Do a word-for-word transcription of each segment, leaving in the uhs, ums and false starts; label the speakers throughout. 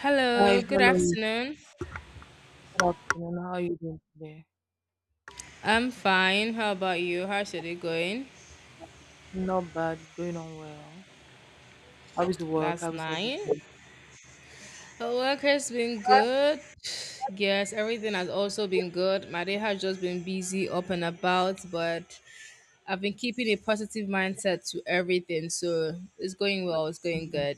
Speaker 1: Hello,
Speaker 2: Hi,
Speaker 1: good
Speaker 2: hello.
Speaker 1: afternoon.
Speaker 2: Good afternoon. How are you doing today?
Speaker 1: I'm fine. How about you? How's your day going
Speaker 2: Not bad. It's going on well. How is work?
Speaker 1: last
Speaker 2: How is
Speaker 1: night?
Speaker 2: everything?
Speaker 1: The work has been good. Yes, everything has also been good. My day has just been busy up and about, but I've been keeping a positive mindset to everything. So it's going well, it's going
Speaker 2: Mhm.
Speaker 1: good.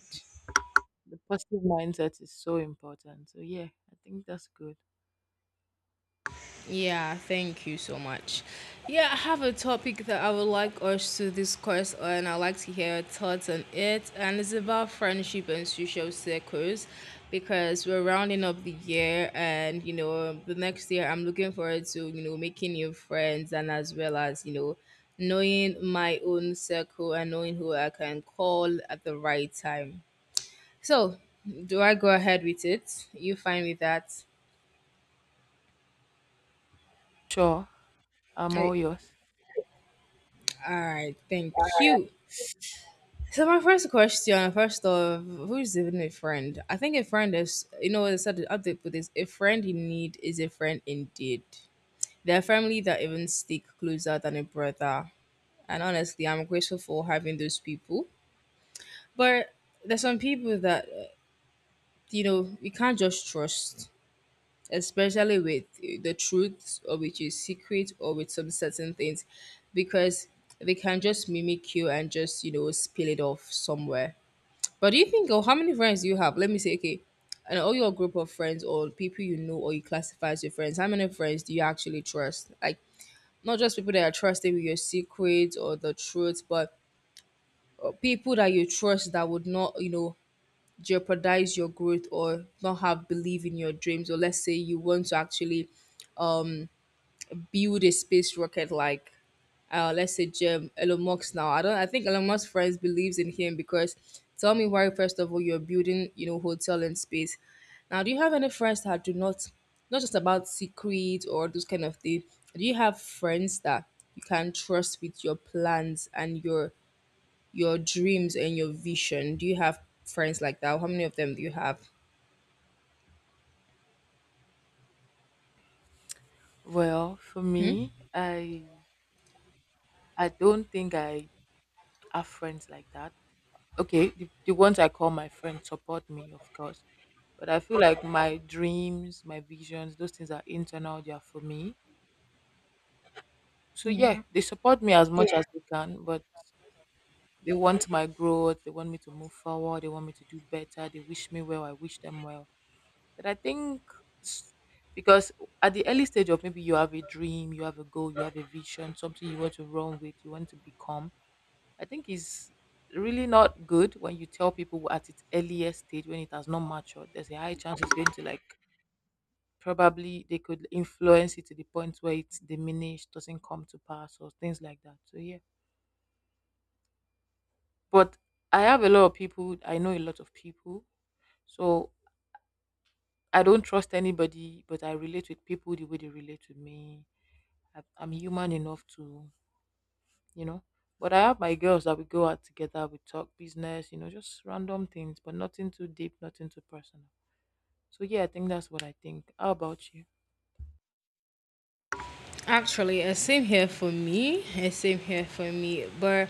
Speaker 2: The positive mindset is so important. So yeah, I think that's good.
Speaker 1: Yeah, thank you so much. Yeah, I have a topic that I would like us to discuss on. I'd like to hear your thoughts on it. And it's about friendship and social circles because we're rounding up the year and, you know, the next year I'm looking forward to, you know, making new friends, and as well as, you know, knowing my own circle and knowing who I can call at the right time. So, do I go ahead with it? You fine with that?
Speaker 2: Sure, I'm
Speaker 1: I,
Speaker 2: all yours.
Speaker 1: all right, thank you. So my first question, first of, who's even a friend? I think a friend is, you know, what I said the other put this: a friend in need is a friend indeed. They're family that even stick closer than a brother. And honestly, I'm grateful for having those people. But there's some people that, uh, you know, you can't just trust, especially with the truth or with your secret or with some certain things, because they can just mimic you and just, you know, spill it off somewhere. But do you think, oh, how many friends do you have? Let me say, okay, and all your group of friends or people you know or you classify as your friends, how many friends do you actually trust? Like, not just people that are trusted with your secrets or the truth, but uh, people that you trust that would not, you know, jeopardize your growth or not have belief in your dreams. Or let's say you want to actually build a space rocket like, uh, let's say Jim Elon Musk now. I don't. I think Elon Musk friends believes in him because, tell me why, first of all you're building, you know, hotel in space. Now, do you have any friends that do not, not just about secret or those kind of thing? Do you have friends that you can trust with your plans and your your dreams and your vision? Do you have friends like that? How many of them do you have?
Speaker 2: Well, for me, I I don't think I have friends like that. Okay, the, the ones I call my friends support me, of course. But I feel like my dreams, my visions, those things are internal, they are for me. So yeah, they support me as much, yeah, as they can, but they want my growth. They want me to move forward. They want me to do better. They wish me well. I wish them well. But I think s- because at the early stage of maybe you have a dream, you have a goal, you have a vision, something you want to run with, you want to become. I think it's really not good when you tell people at its earliest stage when it has not matured. There's a high chance it's going to, like, probably they could influence it to the point where it's diminished, doesn't come to pass, or things like that. So yeah. But I have a lot of people. I know a lot of people. So I don't trust anybody, but I relate with people the way they relate to me. I, I'm human enough to, you know. But I have my girls that we go out together, we talk business, you know, just random things, but nothing too deep, nothing too personal. So yeah, I think that's what I think. How about you?
Speaker 1: Actually, uh, same here for me. uh, Same here for me, but.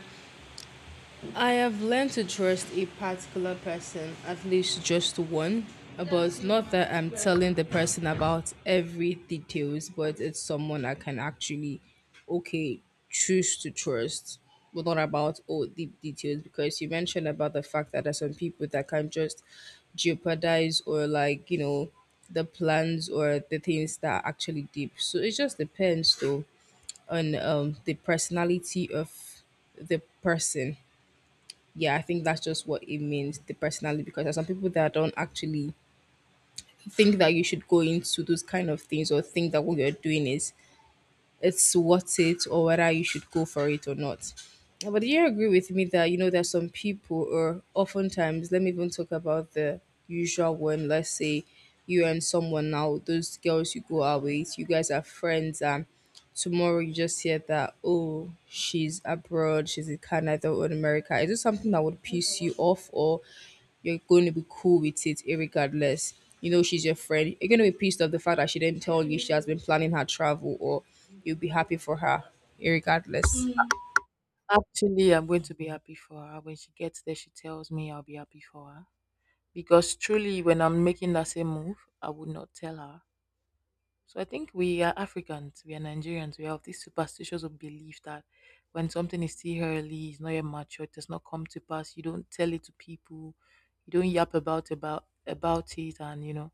Speaker 1: I have learned to trust a particular person, at least just one, but not that I'm telling the person about every details, but it's someone I can actually, okay, choose to trust. But not about all deep details, because you mentioned about the fact that there's some people that can just jeopardize or, like, you know, the plans or the things that are actually deep. So it just depends though on um the personality of the person. Yeah, I think that's just what it means, the personality. Because there's some people that don't actually think that you should go into those kind of things or think that what you're doing is it's worth it or whether you should go for it or not. But do you agree with me that, you know, there's some people? Or oftentimes, let me even talk about the usual one. Let's say you and someone now, those girls you go out with, you guys are friends, and tomorrow you just hear that, oh, she's abroad, she's in Canada or in America. Is it something that would piss you off, or you're going to be cool with it regardless? You know she's your friend. You're going to be pissed off the fact that she didn't tell you she has been planning her travel, or you'll be happy for her regardless.
Speaker 2: Actually, I'm going to be happy for her. When she gets there, she tells me, I'll be happy for her. Because truly, when I'm making that same move, I would not tell her. So I think we are Africans, we are Nigerians, we have this superstitious of belief that when something is still early, it's not yet mature, it does not come to pass, you don't tell it to people, you don't yap about about about it, and you know,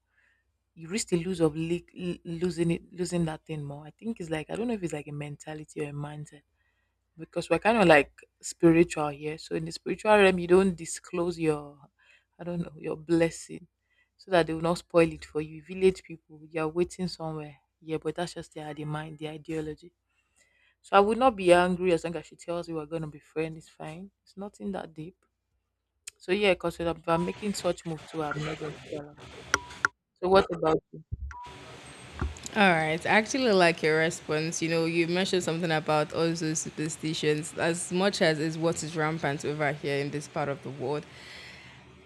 Speaker 2: you risk the lose of le- losing it, losing that thing more. I think it's like, I don't know if it's like a mentality or a mindset, because we're kind of like spiritual here. So in the spiritual realm, you don't disclose your, I don't know, your blessing, so that they will not spoil it for you. Village people, you are waiting somewhere. Yeah, but that's just their the mind, their ideology. So I would not be angry as long as she tells me. We're gonna be friends. It's fine. It's nothing that deep. So yeah, because if I'm making such move too, I'm not going to tell her. So what about?
Speaker 1: All right. I actually like your response. You know, you mentioned something about all those superstitions. As much as is what is rampant over here in this part of the world,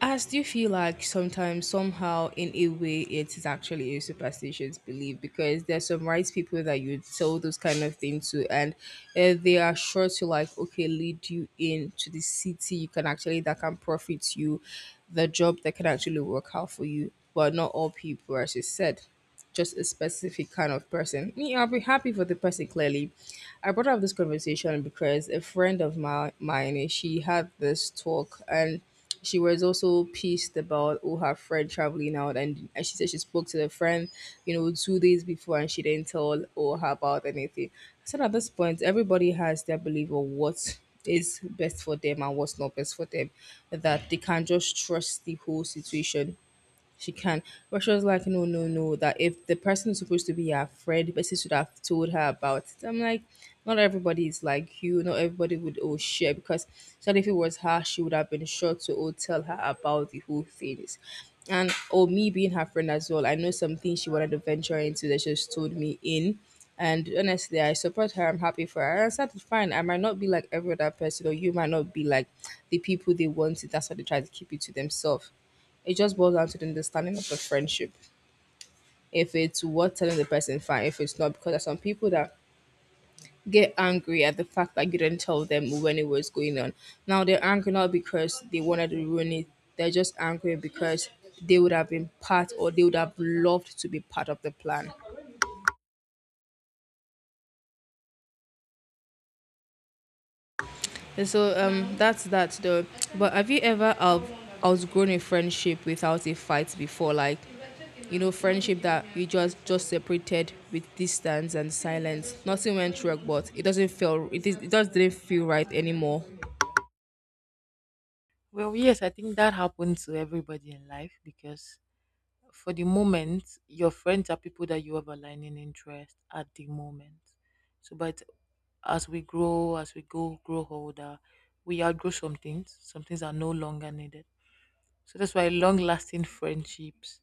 Speaker 1: I still feel like sometimes, somehow, in a way, it is actually a superstitious belief, because there's some right people that you tell those kind of things to, and uh, they are sure to, like, okay, lead you into the city you can actually, that can profit you, the job that can actually work out for you. But not all people, as you said, just a specific kind of person. Me, I'll be happy for the person clearly. I brought up this conversation because a friend of my, mine, she had this talk, and she was also pissed about, oh, her friend traveling out, and, and she said she spoke to the friend, you know, two days before and she didn't tell or her about anything. So at this point, everybody has their belief of what is best for them and what's not best for them, that they can just trust the whole situation, she can. But she was like, no, no, no, that if the person is supposed to be her friend, the person should have told her about it. I'm like, not everybody is like you. Not everybody would all share, because so if it was her, she would have been sure to all tell her about the whole things. And or me being her friend as well, I know something she wanted to venture into that she just told me in. And honestly, I support her. I'm happy for her. And I said, fine. I might not be like every other person, or you might not be like the people they wanted. That's why they try to keep it to themselves. It just boils down to the understanding of the friendship. If it's worth telling the person, fine. If it's not, because there's some people that get angry at the fact that you didn't tell them when it was going on. Now they're angry not because they wanted to ruin it. They're just angry because they would have been part or they would have loved to be part of the plan. And so um, that's that though. But have you ever out- outgrown a friendship without a fight before? Like, you know, friendship that you just just separated with distance and silence. Nothing went wrong, but it doesn't feel it is, it just didn't feel right anymore.
Speaker 2: Well, yes, I think that happens to everybody in life because for the moment, your friends are people that you have aligning interest at the moment. So, but as we grow, as we go, grow older, we outgrow some things. Some things are no longer needed. So that's why long-lasting friendships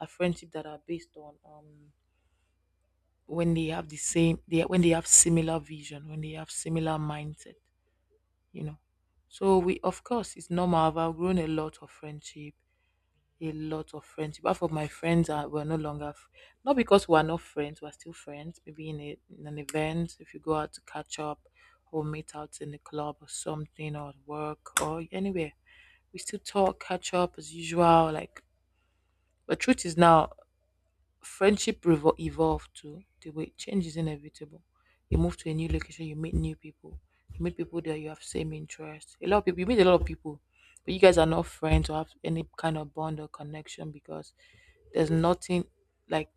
Speaker 2: are friendships that are based on um when they have the same they when they have similar vision, when they have similar mindset, you know. So we, of course, it's normal. I've outgrown a lot of friendship, a lot of friends. But for my friends are were no longer f- not because we are not friends, we're still friends. Maybe in, a, in an event, if you go out to catch up or meet out in the club or something or at work or anywhere, we still talk, catch up as usual. Like, but truth is now friendship revo- evolved to the way change is inevitable. You move to a new location, you meet new people. You meet people that you have same interests. A lot of people, you meet a lot of people, but you guys are not friends or have any kind of bond or connection because there's nothing like,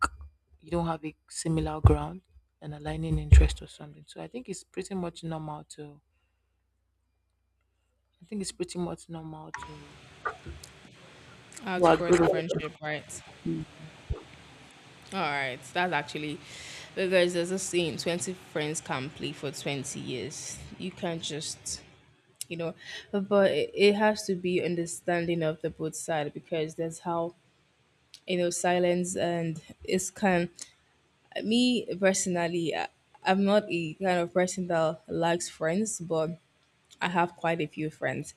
Speaker 2: you don't have a similar ground and aligning interest or something. So I think it's pretty much normal to I think it's pretty much normal to to
Speaker 1: Outgrow
Speaker 2: agree
Speaker 1: the
Speaker 2: with.
Speaker 1: friendship, right? All right, that's actually, because there's a saying: twenty friends can play for twenty years. You can't just, you know, but it it has to be understanding of the both side, because that's how, you know, silence and it's kind. Me personally, I, I'm not a kind of person that likes friends, but I have quite a few friends.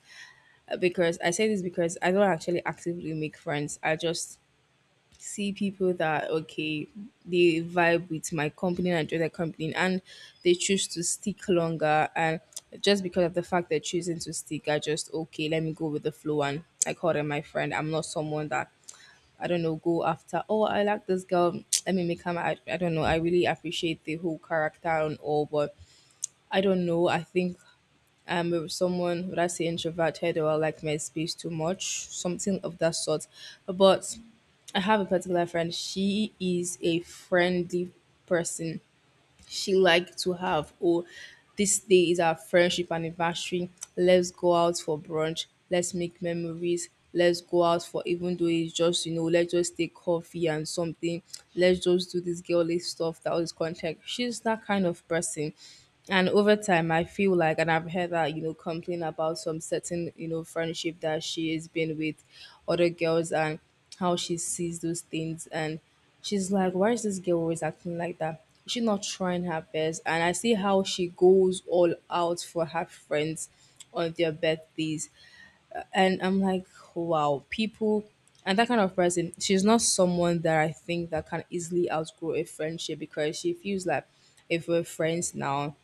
Speaker 1: Uh, because I say this because I don't actually actively make friends, I just see people that, okay, they vibe with my company and enjoy their company, and they choose to stick longer, and just because of the fact they're choosing to stick, I just, okay, let me go with the flow, and I call them my friend. I'm not someone that, I don't know, go after, oh, I like this girl. Let me make her my, I I don't know. I really appreciate the whole character and all, but I don't know. I think I'm someone, would I say introverted, or I like my space too much? Something of that sort. But I have a particular friend. She is a friendly person. She liked to have, oh, this day is our friendship anniversary, let's go out for brunch, let's make memories, let's go out for, even though it's just, you know, let's just take coffee and something, let's just do this girly stuff, that was contact. She's that kind of person. And over time I feel like, and I've heard that, you know, complain about some certain, you know, friendship that she has been with other girls, and how she sees those things. And she's like, why is this girl always acting like that? Is she not trying her best? And I see how she goes all out for her friends on their birthdays. And I'm like, wow, people. And that kind of person, she's not someone that I think that can easily outgrow a friendship, because she feels like, if we're friends now,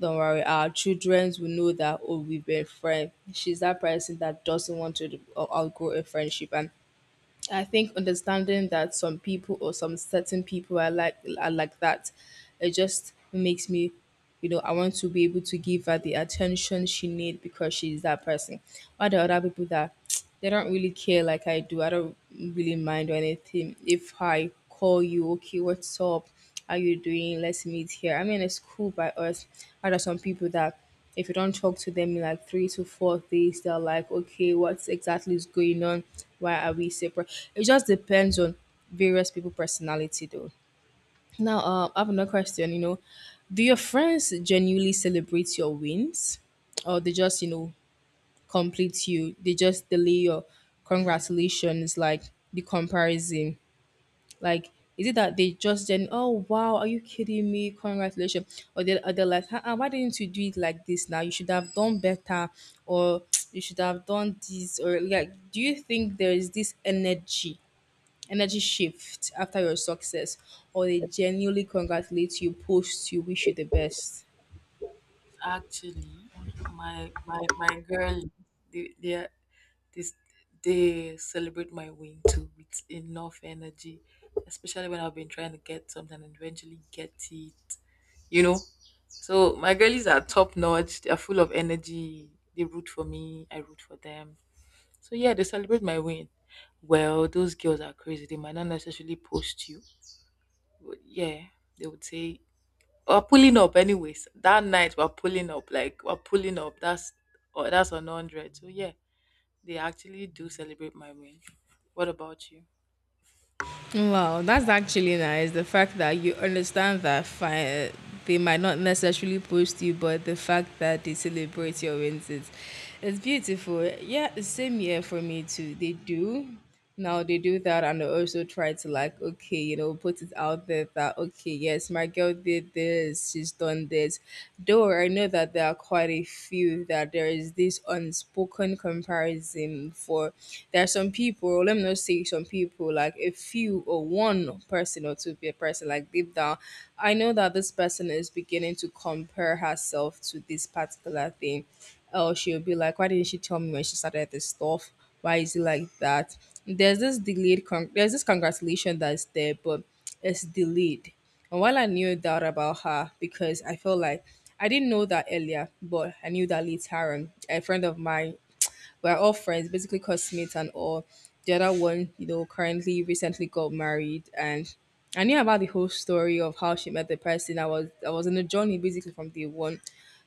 Speaker 1: don't worry, our children will know that oh we've been friends. She's that person that doesn't want to uh, outgrow a friendship. And I think understanding that some people or some certain people are like are like that, it just makes me, you know, I want to be able to give her the attention she needs, because she's that person. While the other people that they don't really care. Like I do, I don't really mind or anything. If I call you, okay, what's up? How you doing? Let's meet here. I mean, it's cool by us. Are there some people that if you don't talk to them in like three to four days, they're like, okay, what exactly is going on? Why are we separate? It just depends on various people' personality, though. Now, uh, I have another question. You know, do your friends genuinely celebrate your wins, or they just, you know, complete you? They just delay your congratulations, like the comparison. Like, is it that they just then, oh wow, are you kidding me? Congratulations. Or they are they are like, uh why didn't you do it like this now? You should have done better or you should have done this or like do you think there is this energy, energy shift after your success? Or they genuinely congratulate you, post you, wish you the best?
Speaker 2: Actually, my my my girl, they they are- this they celebrate my win too with enough energy, especially when I've been trying to get something and eventually get it. You know, so my girlies are top notch. They are full of energy. They root for me. I root for them. So yeah, they celebrate my win. Well, those girls are crazy. They might not necessarily post you, but yeah, they would say we're pulling up anyways. That night we're pulling up, like we're pulling up. That's or that's on hundred. So yeah, they actually do celebrate my win. What about you?
Speaker 1: Wow, that's actually nice. The fact that you understand that fine, they might not necessarily post you, but the fact that they celebrate your wins is it's beautiful. Yeah, the same year for me too. They do. Now they do that and they also try to like, okay, you know, put it out there that okay, yes, my girl did this, she's done this. Though I know that there are quite a few that there is this unspoken comparison for there are some people, let me not say some people, like a few or one person or two pe- person, like deep down, I know that this person is beginning to compare herself to this particular thing. Or she'll be like, why didn't she tell me when she started this stuff? Why is it like that? There's this delayed, con- there's this congratulation that's there, but it's delayed and while I knew that about her, because I felt like I didn't know that earlier, but I knew that later on, a friend of mine we're all friends, basically classmates and all. The other one, you know, currently recently got married and I knew about the whole story of how she met the person. I was I was in a journey basically from day one.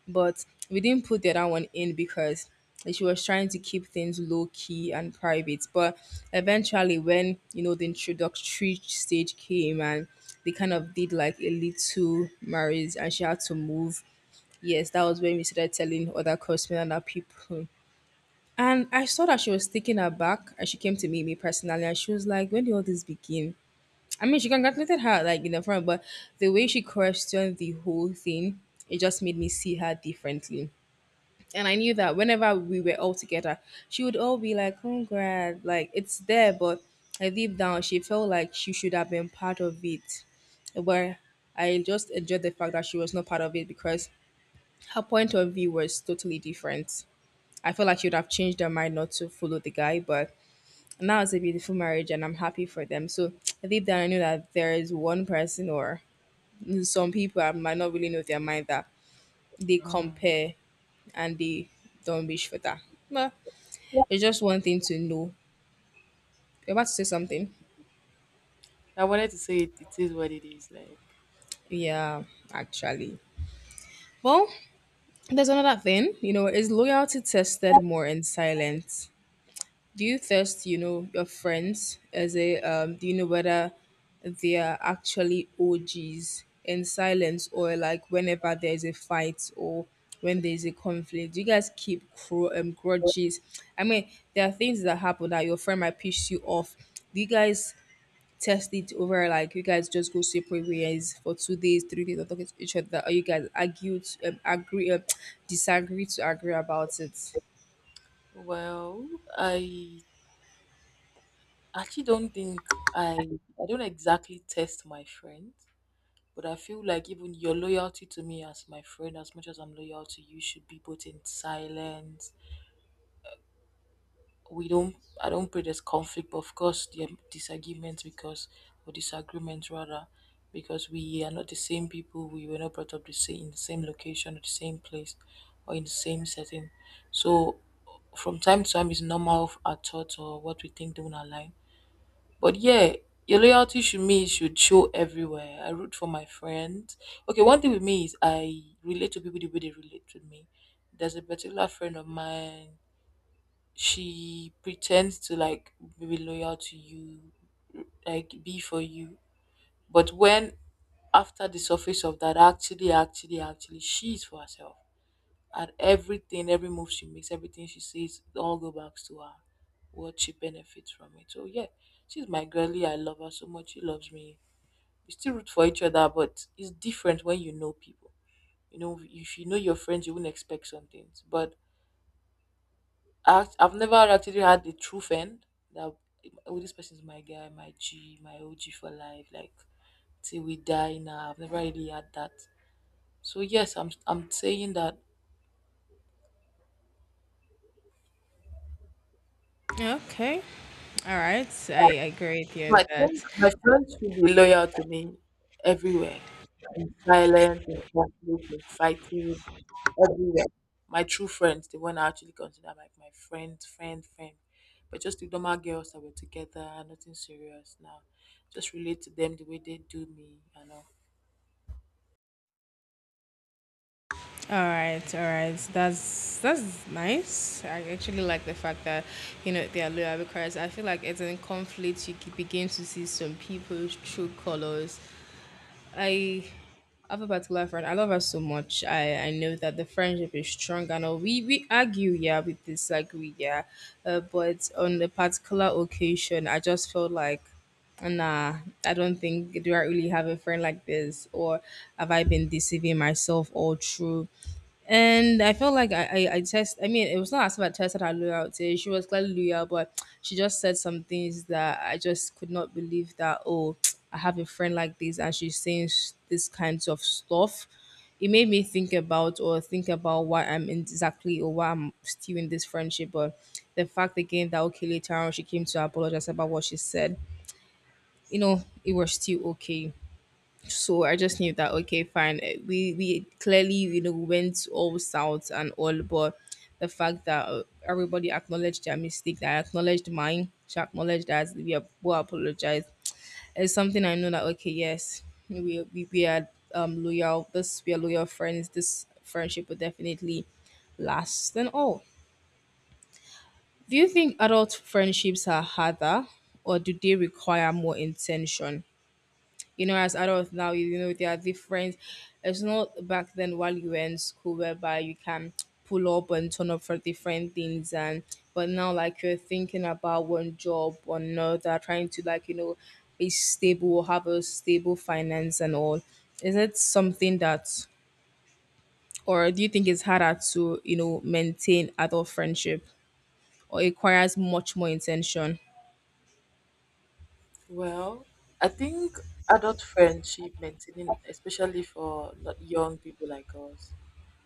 Speaker 1: But we didn't put the other one in because she was trying to keep things low key and private. But eventually when, you know, the introductory stage came and they kind of did like a little marriage and she had to move. Yes, that was when we started telling other customers and other people and I saw that she was taking her back and she came to meet me personally and she was like, when did all this begin? I mean she congratulated her like in the front, but the way she questioned the whole thing, it just made me see her differently. And I knew that whenever we were all together, she would all be like, congrats, like it's there, but like, deep down she felt like she should have been part of it. But I just enjoyed the fact that she was not part of it because her point of view was totally different. I feel like she would have changed her mind not to follow the guy, but now it's a beautiful marriage and I'm happy for them. So deep down, I know that there is one person or some people I might not really know their mind that they
Speaker 2: Mm,
Speaker 1: compare and they don't wish for that. But it's just one thing to know. You're about to say
Speaker 2: yeah.
Speaker 1: something.
Speaker 2: I wanted to say it, it is what it is. Like,
Speaker 1: Yeah, actually. Well, there's another thing. You know, is loyalty tested more in silence? Do you test, you know, your friends as a um, do you know whether they are actually O Gs in silence or like whenever there's a fight or when there's a conflict? Do you guys keep cru- um, grudges? I mean, there are things that happen that your friend might piss you off. Do you guys test it over like you guys just go separate ways for two days, three days, or talking to each other, or you guys argue, to, um, agree, um, disagree to agree about it?
Speaker 2: well, I actually don't think I I don't exactly test my friends. But I feel like even your loyalty to me as my friend, as much as I'm loyal to you, should be both in silence. We don't, I don't pray there's conflict, but of course, there are disagreements because, or disagreements rather, because we are not the same people. We were not brought up the same, in the same location, or the same place, or in the same setting. So, from time to time, it's normal if our thoughts or what we think don't align, but yeah, your loyalty should me should show everywhere. I root for my friends. Okay, one thing with me is I relate to people the way they relate to me. There's a particular friend of mine. She pretends to like be loyal to you, like be for you. But when after the surface of that, actually, actually, actually, she's for herself, and everything, every move she makes, everything she says, it all go back to her. What she benefits from it. So yeah, she's my girlie. I love her so much. She loves me. We still root for each other, but it's different when you know people. You know, if you know your friends, you wouldn't expect some things. But I, I've never actually had a true friend that oh, this person is my guy, my G, my O G for life. Like till we die. Now I've never really had that. So yes, I'm I'm saying that.
Speaker 1: Okay. All right, I agree with you
Speaker 2: So
Speaker 1: on
Speaker 2: I
Speaker 1: that.
Speaker 2: think my friends should be loyal to me everywhere. In silence, in conflict, in fighting, everywhere. My true friends, the one I actually consider my, my friend, friend, friend. But just the normal girls that were together, nothing serious now. Just relate to them the way they do me and all.
Speaker 1: All right, all right, that's that's nice. I actually like the fact that you know they are loyal because I feel like it's in conflict you can begin to see some people's true colors, I have a particular friend. I love her so much. I, I know that the friendship is strong and all. We we argue, yeah, we disagree, yeah. Uh, but on the particular occasion, I just felt like, nah, I don't think do I really have a friend like this, or have I been deceiving myself all through? And I felt like I, I, I test. I mean, it was not as if I tested her loyalty. She was clearly loyal, but she just said some things that I just could not believe that, oh, I have a friend like this and she's saying s- this kinds of stuff. It made me think about or think about why I'm in exactly or why I'm still in this friendship. But the fact again that, okay, later on she came to apologize about what she said, you know, it was still okay. So I just knew that okay, fine. eh, We we clearly you know went all south and all, but the fact that uh, everybody acknowledged their mistake, that I acknowledged mine, she acknowledged that we are both apologized. It's something I know that okay, yes, we we, we are um loyal. This We are loyal friends. This friendship will definitely last and all. Do you think adult friendships are harder, or do they require more intention? You know, as adults now, you know, they are different. It's not back then while you were in school whereby you can pull up and turn up for different things and but now like you're thinking about one job or another, trying to like, you know, be stable have a stable finance and all. Is it something that or do you think it's harder to, you know, maintain adult friendship or it requires much more intention?
Speaker 2: Well, I think adult friendship maintaining, especially for not young people like us,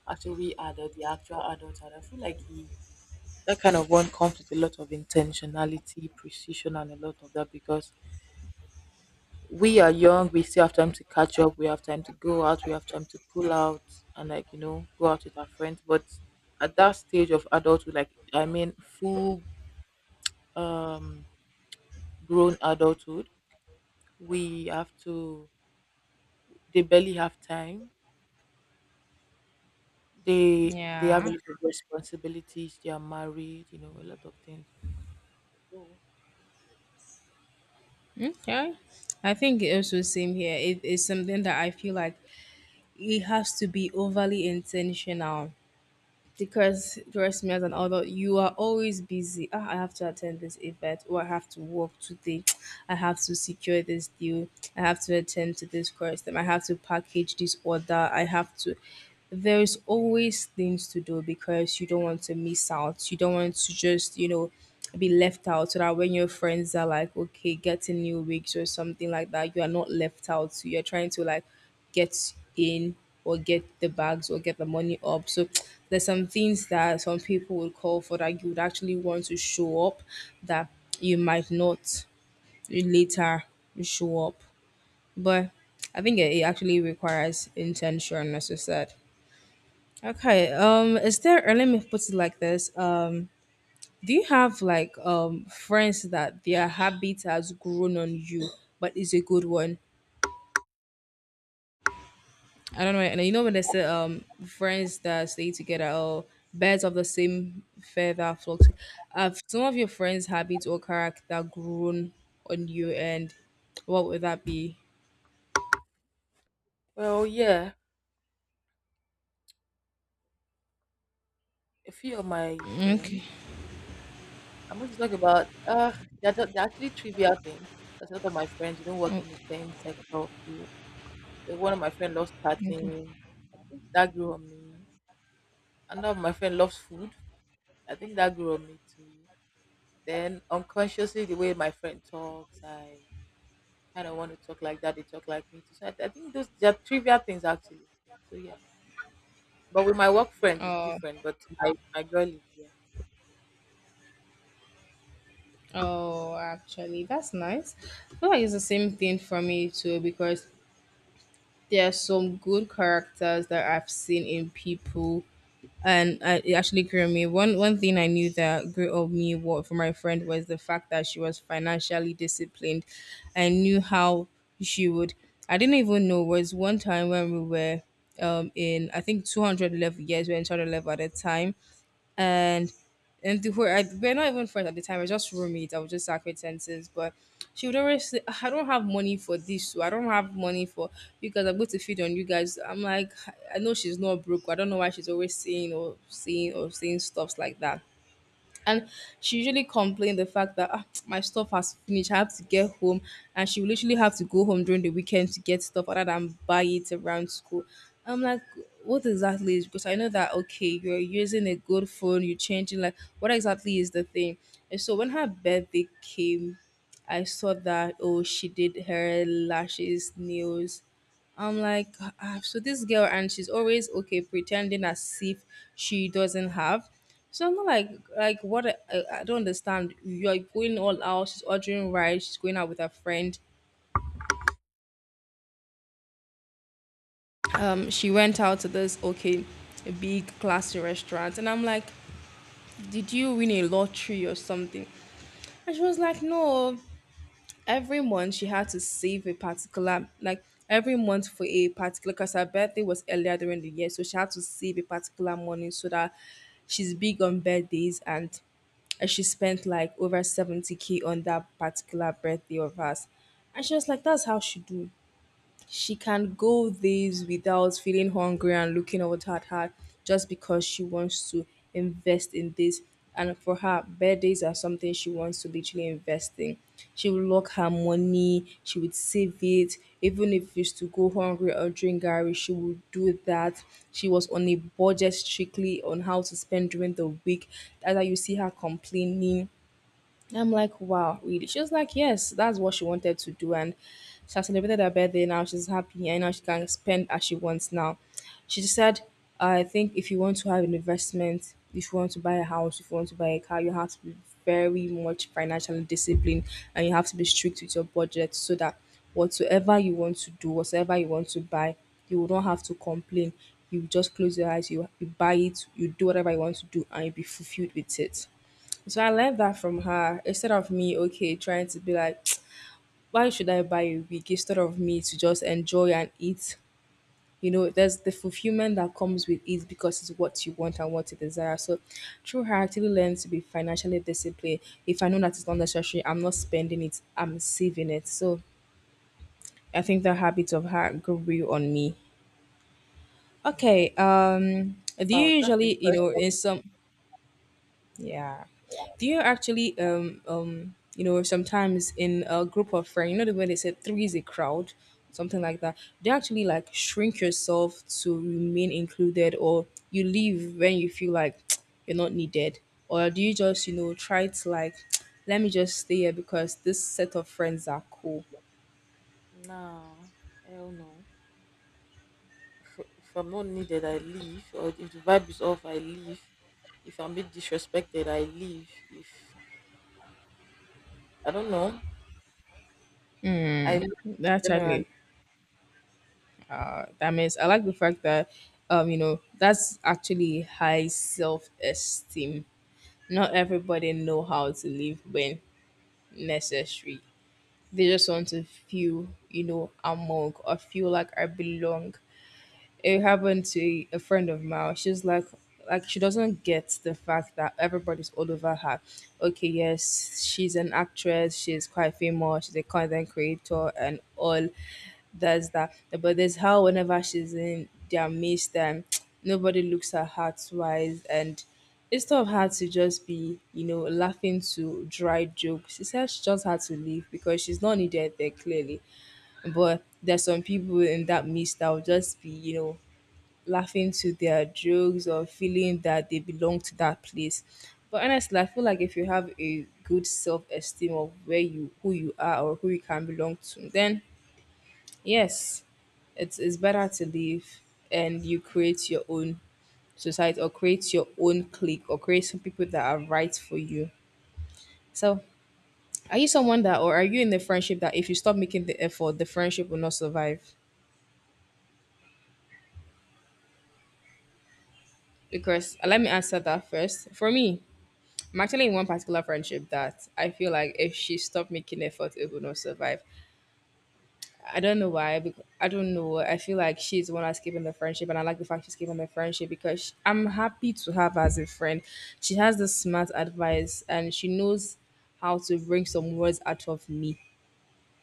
Speaker 2: after we adult, the actual adults, and I feel like that kind of one comes with a lot of intentionality, precision, and a lot of that, because we are young, we still have time to catch up, we have time to go out, we have time to pull out and like, you know, go out with our friends. But at that stage of adulthood, like I mean full um grown adulthood, we have to, they barely have time. They they have a
Speaker 1: Yeah.
Speaker 2: lot of responsibilities, they are married, you know, a lot of things. So,
Speaker 1: Yeah. I think it also same here. It is something that I feel like it has to be overly intentional because trust me as an adult you are always busy ah, I have to attend this event or I have to work today. I have to secure this deal, I have to attend to this course. Then I have to package this order, I have to there's always things to do because you don't want to miss out. You don't want to just, you know, be left out so that when your friends are like, okay, getting new wigs or something like that, you are not left out. So you're trying to like get in or get the bags or get the money up. So there's some things that some people would call for that you would actually want to show up that you might not later show up. But I think it it actually requires intention, as you said. Okay. Um, is there uh, let me put it like this. Um, do you have like um friends that their habit has grown on you, but it's a good one? I don't know. And you know when they say um friends that stay together or birds of the same feather flock to- Have some of your friends' habits or character grown on you, and what would that be?
Speaker 2: well, yeah, a few of my
Speaker 1: Okay.
Speaker 2: friends. I'm going to talk about uh they're, ju- they're actually trivial things. Because a lot of my friends we don't work
Speaker 1: Oh,
Speaker 2: in the same sector of you. So one of my friends loves
Speaker 1: okay.
Speaker 2: partying. That grew on me. Another of my friend loves food. I think that grew on me too. Then unconsciously, the way my friend talks, I kind of want to talk like that. They talk like me too. So I, I think those they're trivial things actually. So yeah. But with my work friends, it's
Speaker 1: Oh,
Speaker 2: different. But my, my girl is here.
Speaker 1: oh, actually, that's nice. I feel like it's the same thing for me too because there are some good characters that I've seen in people, and uh, it actually grew me. One one thing I knew that grew of me wa- from my friend was the fact that she was financially disciplined. I knew how she would. I didn't even know was one time when we were um in I think two hundred level, yes we were in two hundred level at the time and and the whole, I, we're not even friends at the time. We're just roommates. I was just acquaintances, but she would always say, "Ah, I don't have money for this. So I don't have money for you guys. I'm going to feed on you guys." I'm like, I know she's not broke. I don't know why she's always saying or saying or saying stuffs like that. And she usually complained the fact that ah, my stuff has finished. I have to get home, and she will literally have to go home during the weekend to get stuff other than buy it around school. I'm like, what exactly is because I know that okay, you're using a good phone, you're changing like what exactly is the thing? And so when her birthday came, I saw that oh she did her lashes, nails, I'm like, ah, so this girl, and she's always okay pretending as if she doesn't have. So I'm not like like what I, I I don't understand. You're going all out. She's ordering rice. She's going out with her friend. Um, she went out to this, okay, a big classy restaurant, and I'm like, did you win a lottery or something? And she was like, no. Every month she had to save a particular, like, every month for a particular, because her birthday was earlier during the year, so she had to save a particular money so that she's big on birthdays, and and she spent like over seventy k on that particular birthday of hers. And she was like that's how she do. She can go days without feeling hungry and looking out at her just because she wants to invest in this. And for her, birthdays are something she wants to literally invest in. She will lock her money, she would save it. Even if it's to go hungry or drink Gary, she would do that. She was on a budget strictly on how to spend during the week. Either you see her complaining. I'm like, wow, really? She was like, yes, that's what she wanted to do. And she has celebrated her birthday now. She's happy and now she can spend as she wants now. She just said, I think if you want to have an investment, if you want to buy a house, if you want to buy a car, you have to be very much financially disciplined, and you have to be strict with your budget so that whatsoever you want to do, whatsoever you want to buy, you will not have to complain. You just close your eyes, you, you buy it, you do whatever you want to do, and you'll be fulfilled with it. So I learned that from her. Instead of me, okay, trying to be like, why should I buy a wig? Instead of me to just enjoy and eat. You know, there's the fulfillment that comes with it because it's what you want and what you desire. So through her, I actually learned to be financially disciplined. If I know that it's not necessary, I'm not spending it, I'm saving it. So I think the habit of her grew on me. Okay, um, do you
Speaker 2: Oh, that's
Speaker 1: usually, you know,
Speaker 2: impressive.
Speaker 1: in some. Yeah. Do you actually um um you know sometimes in a group of friends, you know the way they said three is a crowd, something like that. Do you actually like shrink yourself to remain included, or you leave when you feel like you're not needed? Or do you just, you know, try to, like, let me just stay here because this set of friends are cool.
Speaker 2: No, hell no. if if I'm not needed, I leave. Or if the vibe is off, I leave. If I'm being disrespected, I leave. If I don't know, I leave
Speaker 1: That's
Speaker 2: generally.
Speaker 1: Actually, that means, I like the fact that um, you know, that's actually high self esteem. Not everybody know how to live when necessary. They just want to feel, you know, among, or feel like I belong. It happened to a friend of mine. She's like, like she doesn't get the fact that everybody's all over her. Okay, yes, she's an actress. She's quite famous. She's a content creator and all. That's that. But there's how whenever she's in their midst, then nobody looks at her twice, and it's tough, hard to just be, you know, laughing to dry jokes. She said she just had to leave because she's not needed there clearly. But there's some people in that midst that will just be, you know, laughing to their jokes or feeling that they belong to that place. But honestly, I feel like if you have a good self esteem of where you who you are, or who you can belong to, then yes, it's it's better to leave and you create your own society, or create your own clique, or create some people that are right for you. So, are you someone that, or are you in the friendship that if you stop making the effort, the friendship will not survive? Because uh, let me answer that first. For me, I'm actually in one particular friendship that I feel like if she stopped making effort, it would not survive. I don't know why. Because I don't know. I feel like she's the one that's keeping the friendship, and I like the fact she's keeping the friendship because sh I'm happy to have her as a friend. She has the smart advice, and she knows how to bring some words out of me.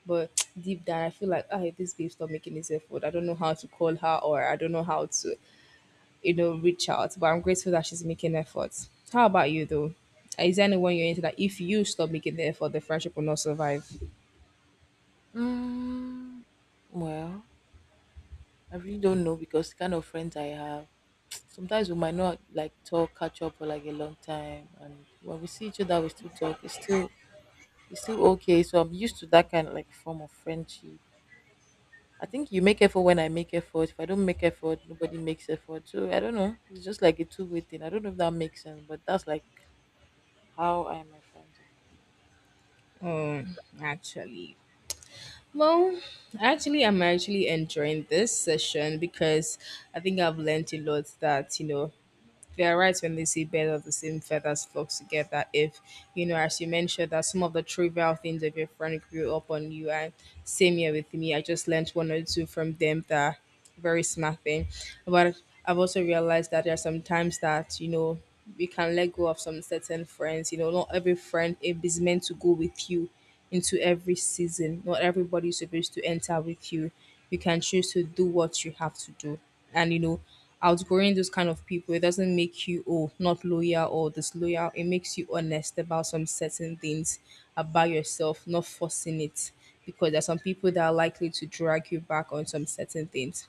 Speaker 1: But deep down, I feel like, ah, if this babe stop making this effort, I don't know how to call her, or I don't know how to, you know, reach out. But I'm grateful that she's making efforts. How about you though? Is there anyone you're into that if you stop making the effort, the friendship will not survive?
Speaker 2: Mm, well, I really don't know because the kind of friends I have. Sometimes we might not like talk, catch up for like a long time, and when we see each other, we still talk. It's still it's still okay. So I'm used to that kind of like form of friendship. I think you make effort when I make effort. If I don't make effort, nobody makes effort. So I don't know. It's just like a two way thing. I don't know if that makes sense, but that's like how I and my friends are.
Speaker 1: Um, actually. Well, actually, I'm actually enjoying this session because I think I've learned a lot that, you know, they are right when they say birds of the same feathers flock together. If, you know, as you mentioned, that some of the trivial things of your friend grew up on you, and same here with me, I just learned one or two from them that are very smart thing. But I've also realized that there are some times that, you know, you can let go of some certain friends. You know, not every friend is meant to go with you into every season. Not everybody is supposed to enter with you. You can choose to do what you have to do. And you know, outgrowing those kind of people, it doesn't make you oh not loyal or disloyal. It makes you honest about some certain things about yourself, not forcing it. Because there are some people that are likely to drag you back on some certain things.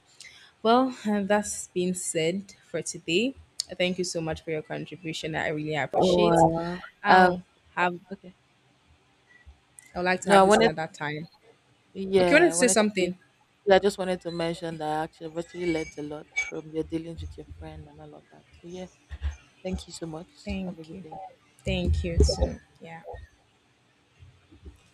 Speaker 1: Well, and that's been said for today. Thank you so much for your contribution. I really
Speaker 2: Wow.
Speaker 1: appreciate.
Speaker 2: Uh, uh,
Speaker 1: I'll have.
Speaker 2: Okay.
Speaker 1: I would like to
Speaker 2: No,
Speaker 1: have
Speaker 2: I
Speaker 1: this
Speaker 2: wanted.
Speaker 1: another time. Okay, I
Speaker 2: Yeah,
Speaker 1: wanted
Speaker 2: I
Speaker 1: to say
Speaker 2: wanted to.
Speaker 1: something.
Speaker 2: Yeah, I just wanted to mention that I actually I've actually learned a lot from your dealings with your friend and all of that. So yeah, thank you so much. Have a
Speaker 1: Thank
Speaker 2: good
Speaker 1: you.
Speaker 2: day.
Speaker 1: Thank you too. Yeah.